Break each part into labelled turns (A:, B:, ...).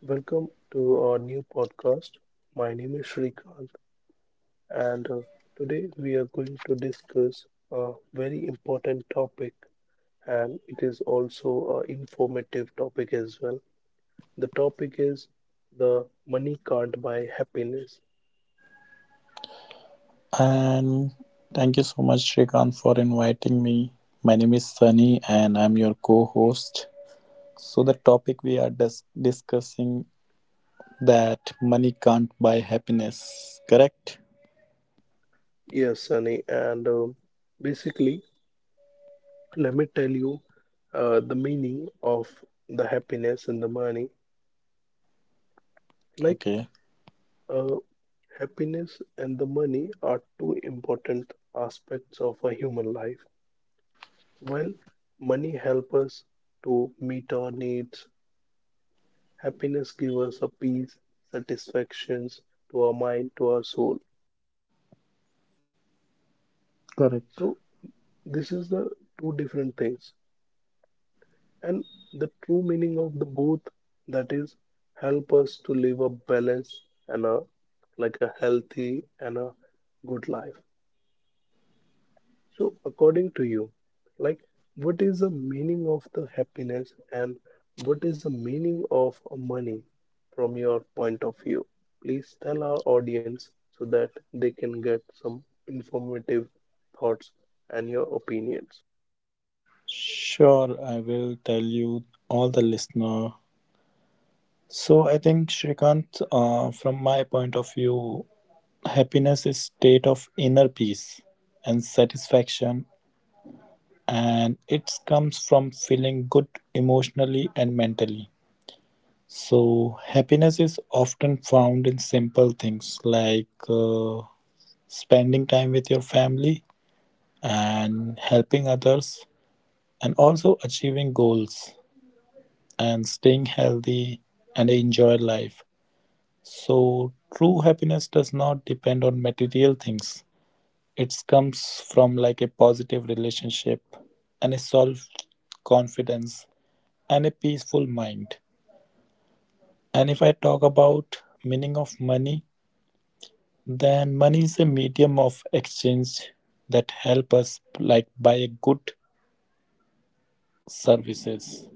A: Welcome to our new podcast. My name is Shrikant, and today we are going to discuss a very important topic, and it is also an informative topic as well. The topic is the money can't buy happiness.
B: And thank you so much, Shrikant, for inviting me. My name is Sunny, and I'm your co-host. So the topic we are discussing that money can't buy happiness. Correct?
A: Yes, Sunny, and basically, let me tell you the meaning of the happiness and the money. Like
B: Okay.
A: Uh, happiness and the money are two important aspects of a human life. While money helps us to meet our needs, happiness gives us a peace, satisfactions to our mind, to our soul.
B: Correct.
A: So this is the two different things. And the true meaning of the both that is help us to live a balanced and a like a healthy and a good life. So, according to you, like, what is the meaning of the happiness and what is the meaning of money from your point of view? Please tell our audience so that they can get some informative thoughts and your opinions.
B: Sure, I will tell you all the listener. So I think Shrikant, from my point of view, happiness is state of inner peace and satisfaction, and it comes from feeling good emotionally and mentally. So happiness is often found in simple things like spending time with your family and helping others and also achieving goals and staying healthy and enjoy life. So true happiness does not depend on material things. It comes from like a positive relationship and a self confidence and a peaceful mind. And if I talk about meaning of money, then money is a medium of exchange that help us like buy good services,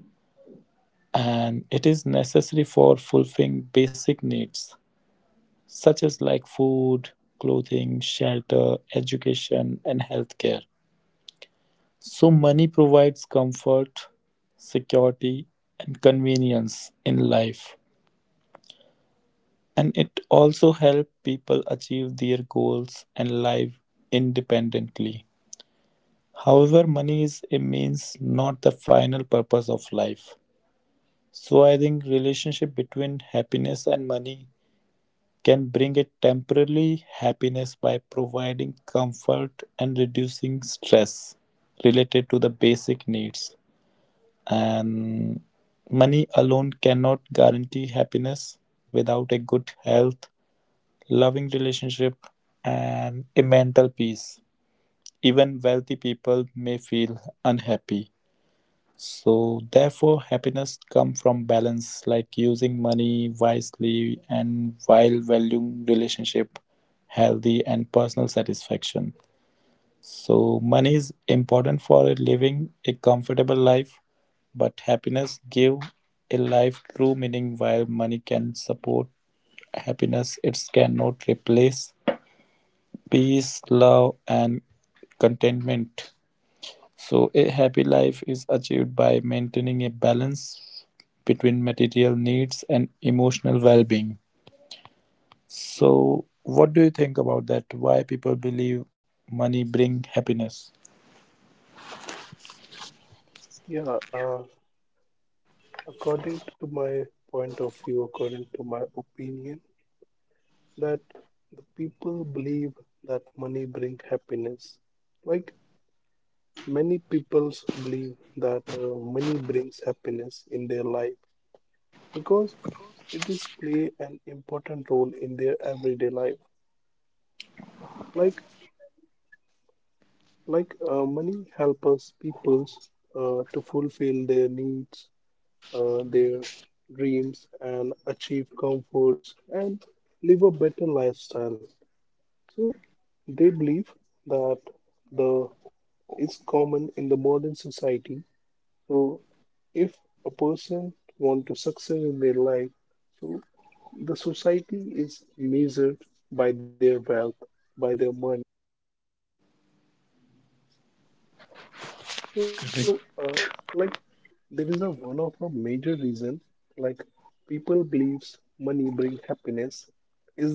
B: and it is necessary for fulfilling basic needs such as like food, clothing, shelter, education and healthcare. So money provides comfort, security and convenience in life. And it also helps people achieve their goals and live independently. However, money is a means, not the final purpose of life. So I think relationship between happiness and money can bring a temporary happiness by providing comfort and reducing stress related to the basic needs. And money alone cannot guarantee happiness without a good health, loving relationship, and a mental peace. Even wealthy people may feel unhappy. So, therefore, happiness comes from balance, like using money wisely and while valuing relationship, healthy, and personal satisfaction. So, money is important for living a comfortable life, but happiness give a life true meaning. While money can support happiness, it cannot replace peace, love, and contentment. So, a happy life is achieved by maintaining a balance between material needs and emotional well being. So, what do you think about that? Why people believe money bring happiness?
A: Yeah, uh, according to my point of view, according to my opinion, that the people believe that money bring happiness. Like, many people believe that money brings happiness in their life because it is play an important role in their everyday life. Like money helps us people to fulfill their needs, their dreams, and achieve comforts and live a better lifestyle. So they believe that the it's common in the modern society. So if a person want to succeed in their life, so the society is measured by their wealth, by their money. So like there is a one of a major reason like people believes money bring happiness is that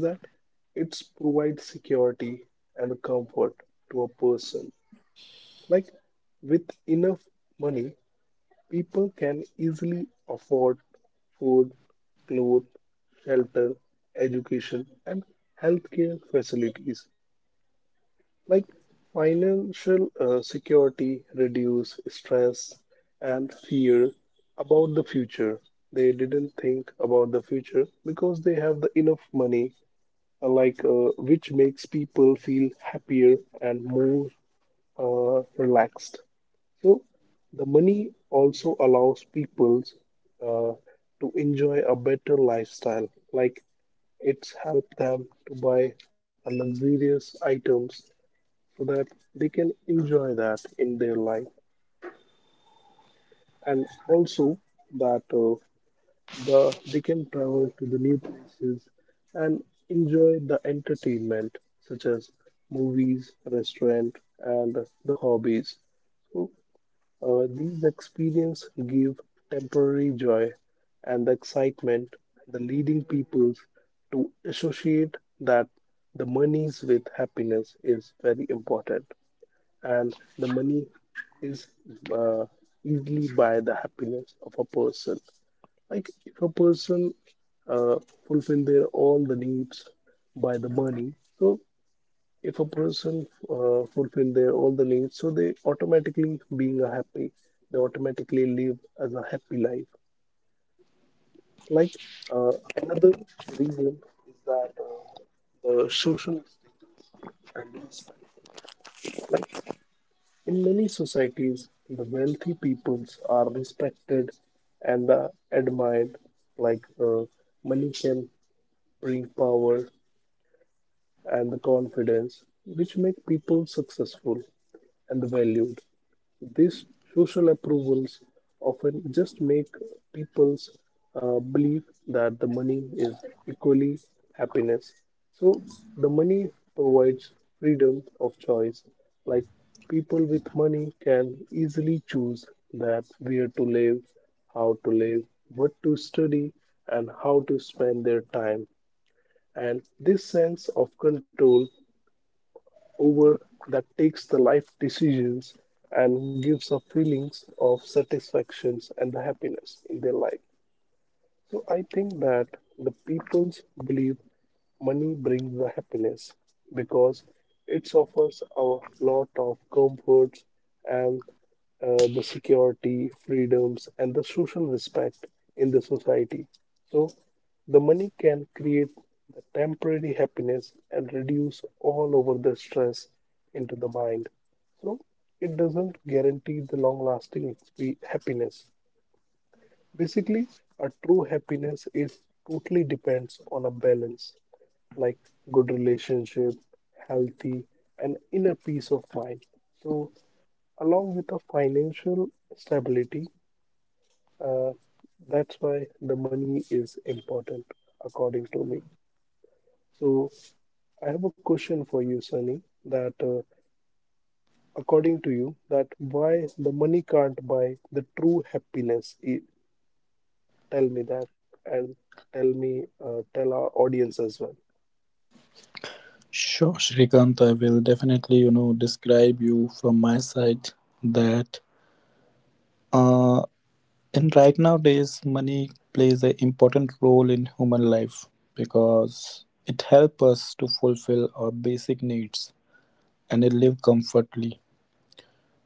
A: it's provide security and comfort to a person. Like with enough money, people can easily afford food, clothes, shelter, education, and healthcare facilities. Like financial security reduce stress and fear about the future. They didn't think about the future because they have the enough money, which makes people feel happier and more relaxed. So the money also allows people uh, to enjoy a better lifestyle. Like it's helped them to buy a luxurious items so that they can enjoy that in their life, and also that the they can travel to the new places and enjoy the entertainment such as movies, restaurant, and the hobbies. So these experiences give temporary joy and the excitement, the leading peoples to associate that the monies with happiness is very important, and the money is uh, easily buy the happiness of a person. Like if a person uh, fulfill their all the needs by the money, so if a person fulfill their all the needs so they automatically being a happy they automatically live as a happy life like uh, another reason is that the social status and respect in many societies the wealthy peoples are respected and admired like money can bring power and the confidence which make people successful and valued. These social approvals often just make people's believe that the money is equally happiness. So the money provides freedom of choice. Like people with money can easily choose that where to live, how to live, what to study, and how to spend their time. And this sense of control over that takes the life decisions and gives a feelings of satisfactions and the happiness in their life. So I think that the peoples believe money brings the happiness because it offers a lot of comforts and the security, freedoms, and the social respect in the society. So the money can create the temporary happiness and reduce all over the stress into the mind. So it doesn't guarantee the long lasting happiness. Basically, a true happiness is totally depends on a balance like good relationship, healthy and inner peace of mind. So along with a financial stability, uh, that's why the money is important according to me. So I have a question for you, Sunny, that according to you, that why the money can't buy the true happiness tell me that and tell me, tell our audience as well.
B: Sure, Shrikant, I will definitely, you know, describe you from my side that uh, and right nowadays, money plays an important role in human life because it helps us to fulfill our basic needs and it live comfortably.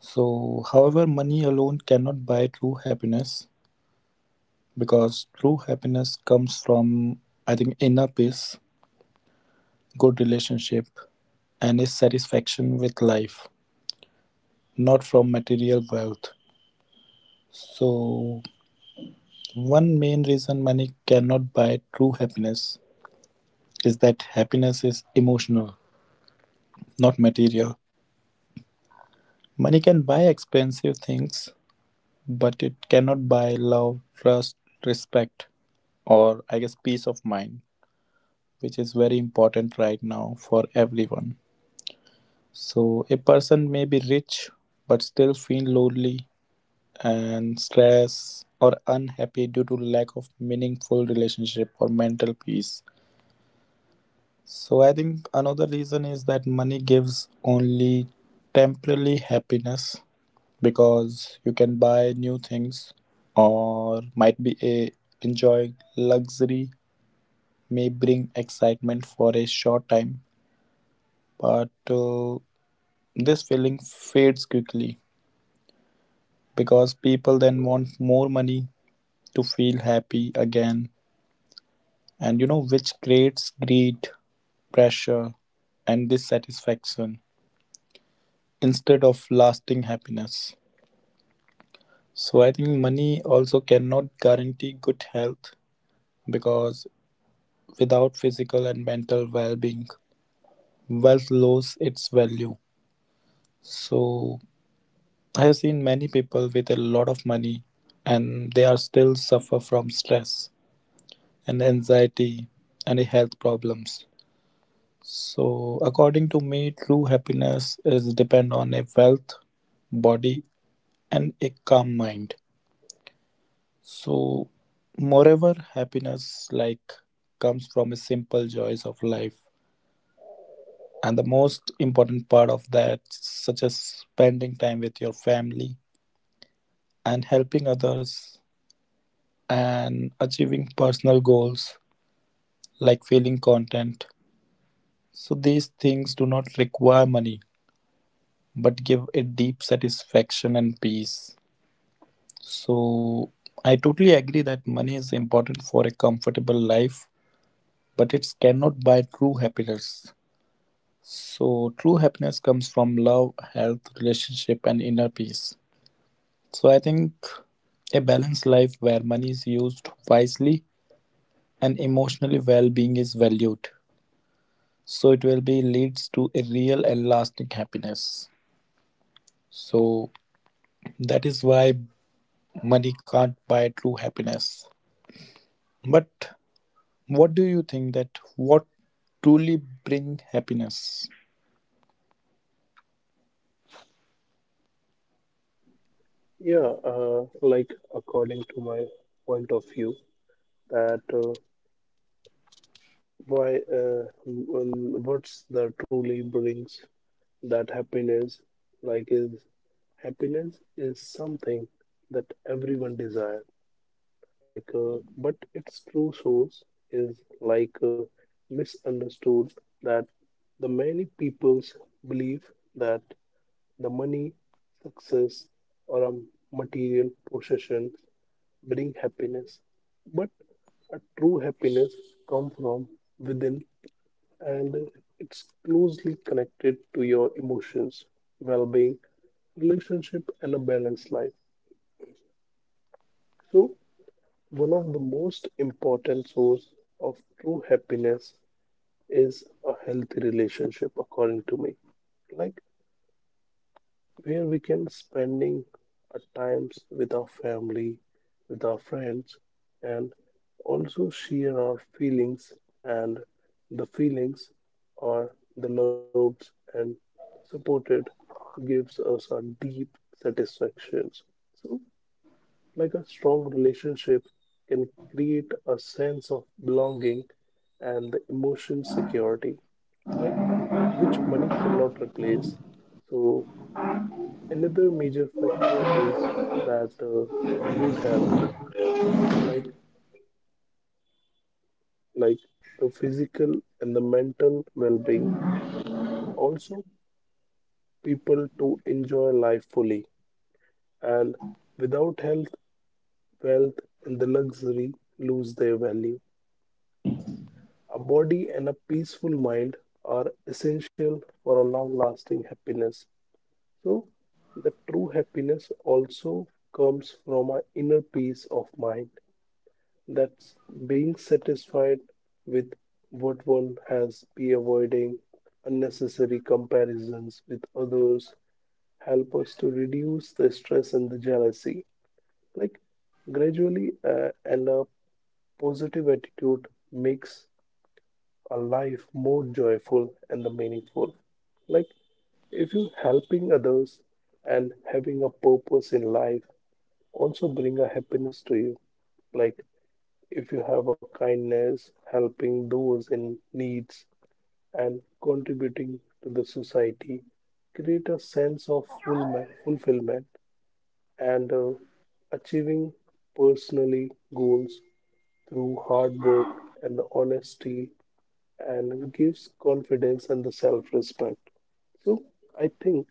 B: So, however, money alone cannot buy true happiness because true happiness comes from, I think, inner peace, good relationship, and is satisfaction with life, not from material wealth. So, one main reason money cannot buy true happiness is that happiness is emotional, not material. Money can buy expensive things, but it cannot buy love, trust, respect, or I guess peace of mind, which is very important right now for everyone. So, a person may be rich but still feel lonely and stressed or unhappy due to lack of meaningful relationship or mental peace. So I think another reason is that money gives only temporarily happiness, because you can buy new things or might be a enjoying luxury may bring excitement for a short time, but this feeling fades quickly because people then want more money to feel happy again, and you know which creates greed, pressure, and dissatisfaction instead of lasting happiness. So I think money also cannot guarantee good health, because without physical and mental well-being, wealth loses its value. So I have seen many people with a lot of money, and they are still suffer from stress and anxiety and health problems. So according to me, true happiness is depend on a wealth, body and a calm mind. So, moreover, happiness like comes from a simple joys of life, and the most important part of that, such as spending time with your family and helping others and achieving personal goals like feeling content. So, these things do not require money but give a deep satisfaction and peace. So, I totally agree that money is important for a comfortable life, but it cannot buy true happiness. So true happiness comes from love, health, relationship, and inner peace. So I think a balanced life where money is used wisely and emotionally well-being is valued. So it will be leads to a real and lasting happiness. So that is why money can't buy true happiness. But what do you think that what truly bring happiness?
A: Yeah, like according to my point of view, that what's the truly brings that happiness? Like, is happiness is something that everyone desire. But its true source is like misunderstood that the many peoples believe that the money, success, or a material possession bring happiness, but a true happiness comes from within and it's closely connected to your emotions, well being, relationship, and a balanced life. So, one of the most important source of true happiness is a healthy relationship, according to me. Like where we can spending our times with our family, with our friends, and also share our feelings and the feelings or the loves and supported gives us our deep satisfactions. So like a strong relationship can create a sense of belonging and the emotion security. Like which money cannot replace. So another major factor is that the good health, like like the physical and the mental well-being, also people to enjoy life fully. And without health, wealth, and the luxury lose their value. A body and a peaceful mind are essential for a long-lasting happiness. So, the true happiness also comes from our inner peace of mind. That's being satisfied with what one has be avoiding unnecessary comparisons with others help us to reduce the stress and the jealousy. Like and a positive attitude makes a life more joyful and the meaningful. Like if you helping others and having a purpose in life also bring a happiness to you. Like if you have a kindness, helping those in needs, and contributing to the society, create a sense of full fulfillment and achieving personally goals through hard work and the honesty and gives confidence and the self-respect. So I think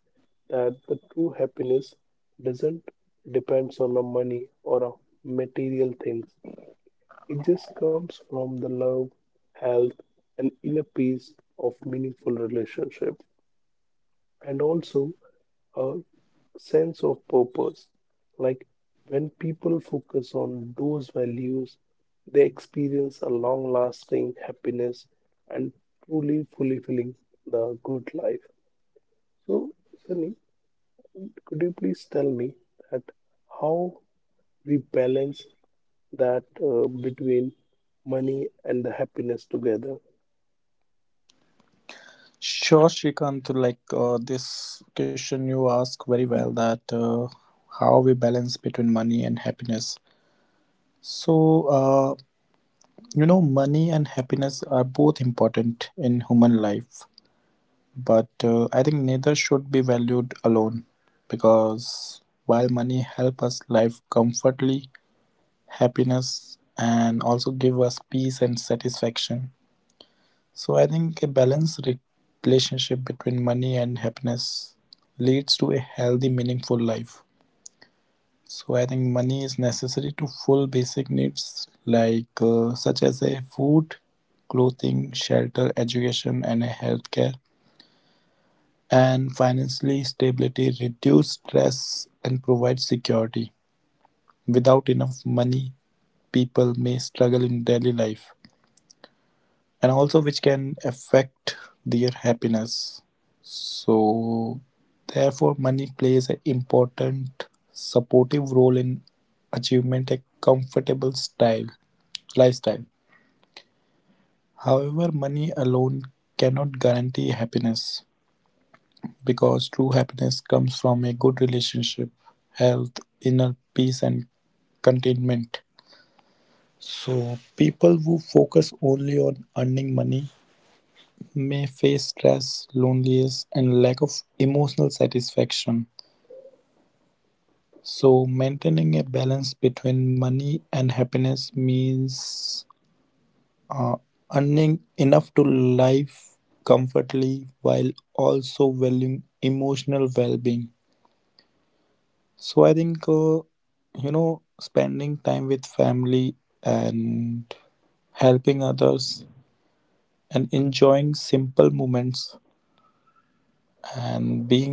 A: that the true happiness doesn't depends on the money or a material things it just comes from the love, health, and inner peace of meaningful relationship, and also a sense of purpose. Like when people focus on those values, they experience a long lasting happiness and truly fulfilling the good life. So, Sunny, could you please tell me that how we balance that between money and the happiness together?
B: Sure, Shrikant, like this question you ask very well that how we balance between money and happiness. So, you know, money and happiness are both important in human life, but I think neither should be valued alone, because while money help us live comfortably, happiness and also give us peace and satisfaction. So I think a balanced relationship between money and happiness leads to a healthy, meaningful life. So I think money is necessary to full basic needs like such as a food, clothing, shelter, education, and a healthcare. And financially, stability reduce stress and provide security. Without enough money, people may struggle in daily life, and also which can affect their happiness. So, therefore, money plays an important supportive role in achievement a comfortable style lifestyle. However, money alone cannot guarantee happiness because true happiness comes from a good relationship, health, inner peace, and contentment. So, people who focus only on earning money may face stress, loneliness, and lack of emotional satisfaction. So, maintaining a balance between money and happiness means uh, earning enough to live comfortably while also valuing emotional well being. So, I think, you know, spending time with family and helping others and enjoying simple moments and being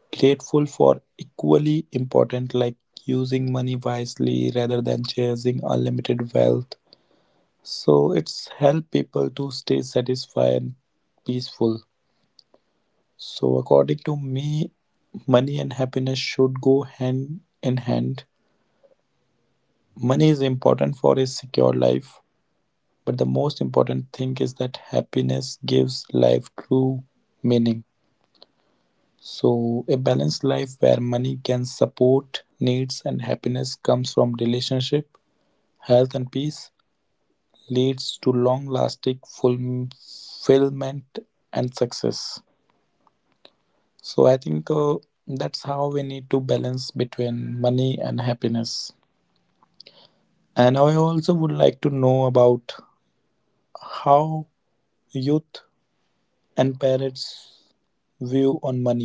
B: grateful for equally important, like using money wisely rather than chasing unlimited wealth. So it's help people to stay satisfied and peaceful. So according to me, money and happiness should go hand in hand. Money is important for a secure life, but the most important thing is that happiness gives life true meaning. So, a balanced life where money can support needs and happiness comes from relationship, health, and peace leads to long lasting fulfillment and success. So, I think that's how we need to balance between money and happiness. And I also would like to know about how youth and parents view on money.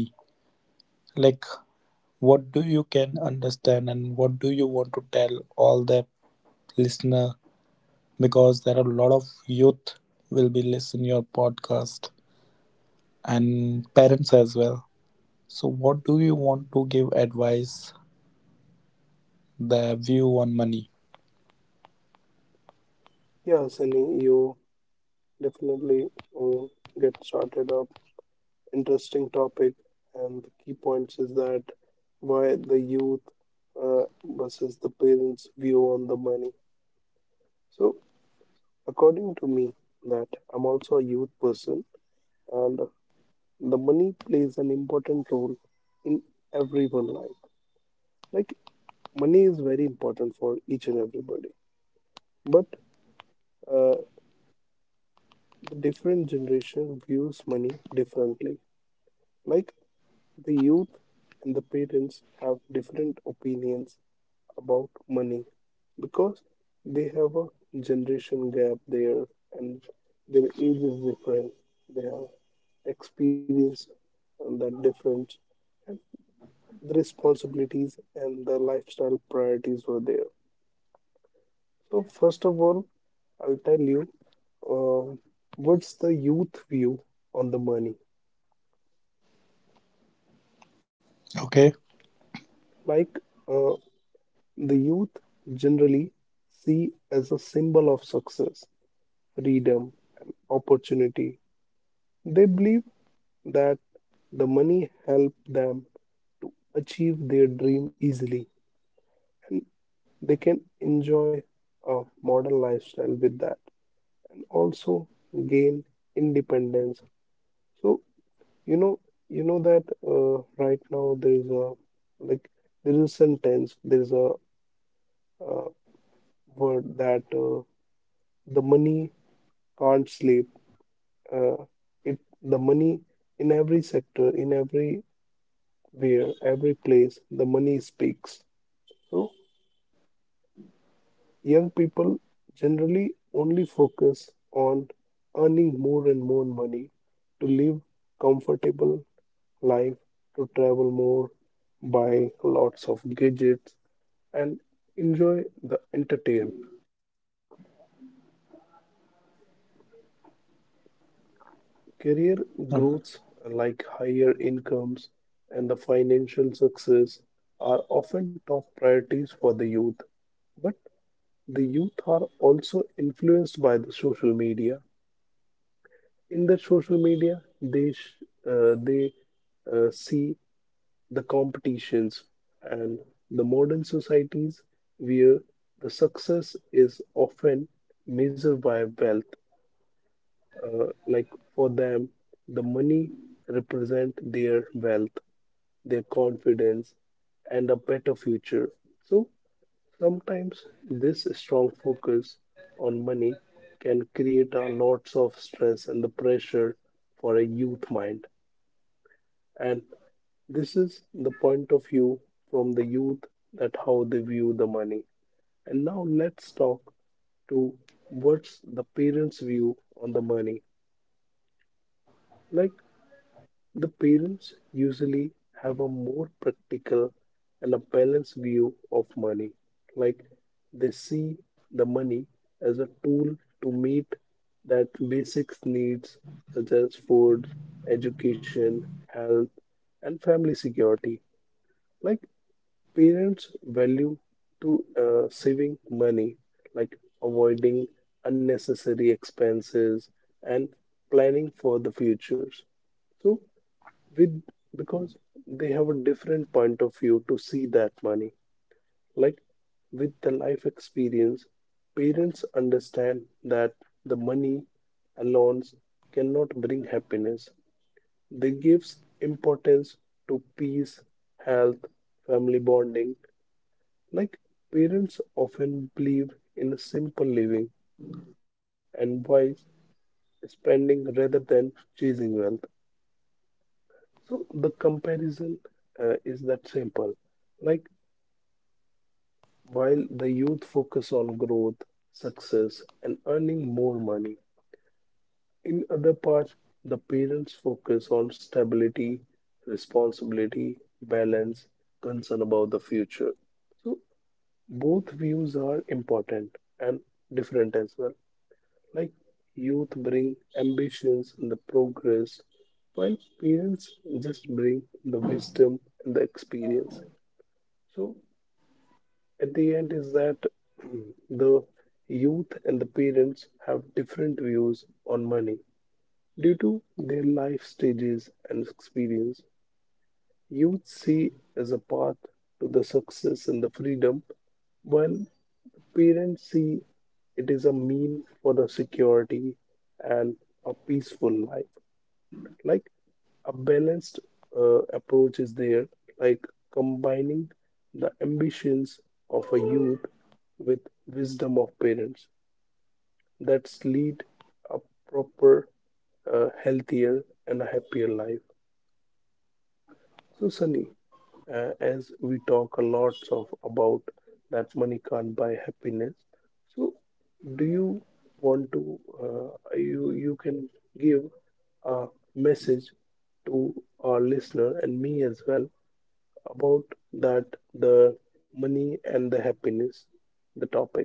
B: Like, what do you can understand and what do you want to tell all the listener, because there are a lot of youth will be listening your podcast and parents as well. So what do you want to give advice their view on money?
A: Yeah, Sunny, you definitely uh, get started up. Interesting topic, and the key points is that why the youth versus the parents' view on the money. So, according to me, that I'm also a youth person, and the money plays an important role in everyone's life. Like money is very important for each and everybody, but uh, the different generation views money differently. Like the youth and the parents have different opinions about money because they have a generation gap there and their age is different. They have experience and that difference and the responsibilities and the lifestyle priorities were there. So first of all, I'll tell you uh, what's the youth view on the money.
B: Okay.
A: Like the youth generally see as a symbol of success, freedom, opportunity. They believe that the money help them achieve their dream easily and they can enjoy a modern lifestyle with that also gain independence. So you know you know that right now there is a like there is a sentence there is a uh, word that the money can't sleep uh, it the money in every sector in every where every place the money speaks. So young people generally only focus on earning more and more money to live comfortable life, to travel more, buy lots of gadgets and enjoy the entertainment. So career
B: Uh,
A: growths like higher incomes and the financial success are often top priorities for the youth, but the youth are also influenced by the social media. In the social media, they see the competitions and the modern societies where the success is often measured by wealth like for them the money represent their wealth, their confidence and a better future. So sometimes this strong focus on money can create a lots of stress and the pressure for a youth mind. And this is the point of view from the youth that how they view the money, and now let's talk to what's the parents view on the money. Like the parents usually have a more practical and a balanced view of money, like they see the money as a tool to meet that basic needs such as food, education, health, and family security. Like parents value to saving money, like avoiding unnecessary expenses and planning for the futures. So with because they have a different point of view to see that money like with the life experience parents understand that the money alone cannot bring happiness. They gives importance to peace, health, family bonding. Like parents often believe in simple living and wise spending rather than chasing wealth. So the comparison is that simple. Like while the youth focus on growth, success, and earning more money, in other parts the parents focus on stability, responsibility, balance, concern about the future. So both views are important and different as well. Like youth bring ambitions and the progress, while parents just bring the wisdom and the experience. So at the end is that the youth and the parents have different views on money due to their life stages and experience. Youth see as a path to the success and the freedom, while parents see it is a mean for the security and a peaceful life. Like a balanced approach is there, like combining the ambitions of a youth with wisdom of parents. That's lead a proper, healthier, and a happier life. So, Sunny, as we talk a lot of about that money can't buy happiness, so do you want to you can give a message to our listener and me as well about that the money and the happiness, the topic.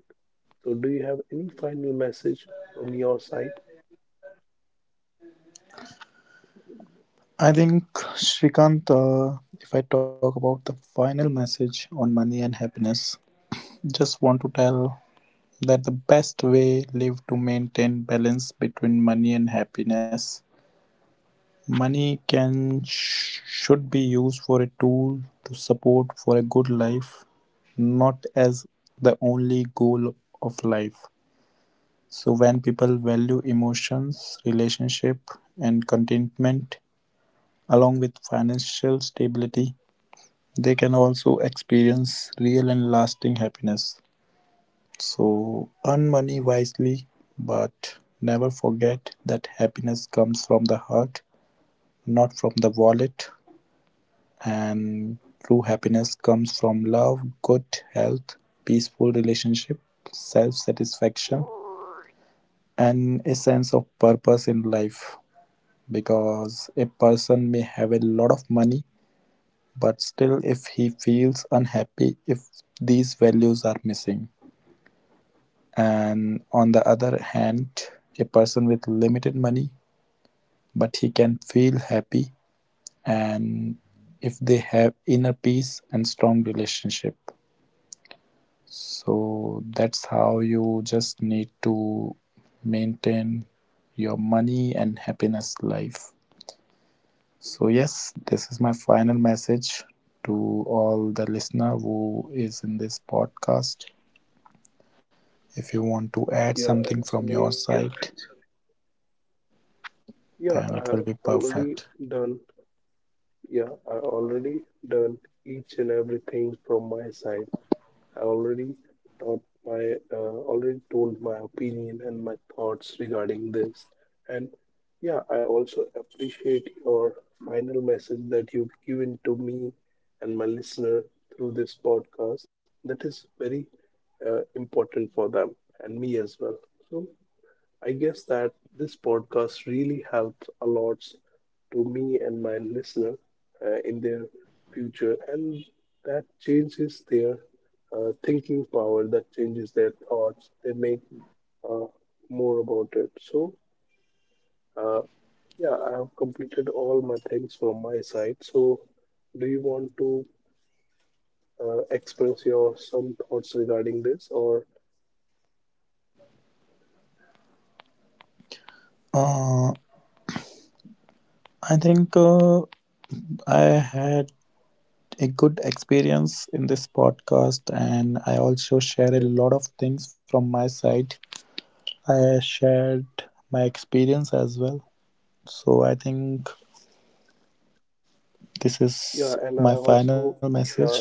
A: So, do you have any final message from your side?
B: I think Shrikant, if I talk about the final message on money and happiness, just want to tell that the best way live to maintain balance between money and happiness. Money can should be used for a tool to support for a good life, not as the only goal of life. So when people value emotions, relationship and contentment along with financial stability, they can also experience real and lasting happiness. So earn money wisely, but never forget that happiness comes from the heart, not from the wallet. And true happiness comes from love, good health, peaceful relationship, self satisfaction, and a sense of purpose in life. Because a person may have a lot of money, but still, if he feels unhappy, if these values are missing. And on the other hand, a person with limited money, but he can feel happy and if they have inner peace and strong relationship. So that's how you just need to maintain your money and happiness life. So yes, this is my final message to all the listener who is in this podcast. If you want to add something from
A: Yeah,
B: your
A: and Sunny,
B: side, then it
A: yeah,
B: will be
A: I have
B: perfect.
A: already done Yeah, I already done each and everything from my side. I already taught my already told my opinion and my thoughts regarding this. And yeah, I also appreciate your final message that you've given to me and my listener through this podcast. That is very important for them and me as well. So I guess that this podcast really helps a lot to me and my listener in their future, and that changes their thinking power, that changes their thoughts. They make uh, more about it. So, uh, yeah, I have completed all my things from my side. So, do you want to express your some thoughts regarding this, or
B: Uh, I think I had a good experience in this podcast, and I also share a lot of
A: yeah,
B: things from my side. I shared my experience as well. So I think this is my
A: yeah, and
B: final
A: I
B: message
A: also yeah,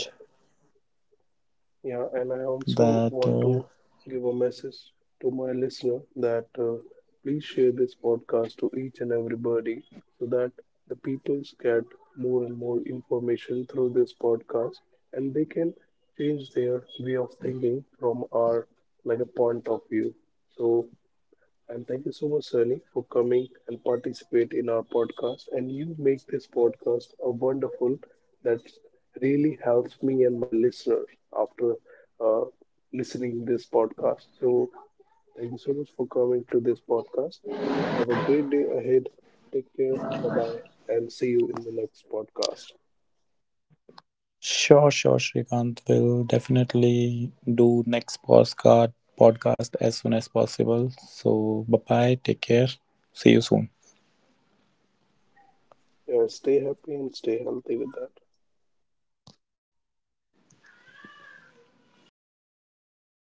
A: Yeah, and I
B: that
A: also want to give a message to my listener that please share this podcast to each and everybody so that the peoples get more and more information through this podcast and they can change their way of thinking from our like a point of view. So and thank you so much, Sunny, for coming and participate in our podcast. And you make this podcast a wonderful that really helps me and my listeners after uh, listening this podcast. So thank you so much for coming to this podcast. Have a great day ahead. Take care. Bye bye. And see you in the next podcast.
B: sure, sure, Shrikant will definitely do next postcard podcast as soon as possible. So bye bye, take care, see you soon.
A: Stay happy and stay healthy with that.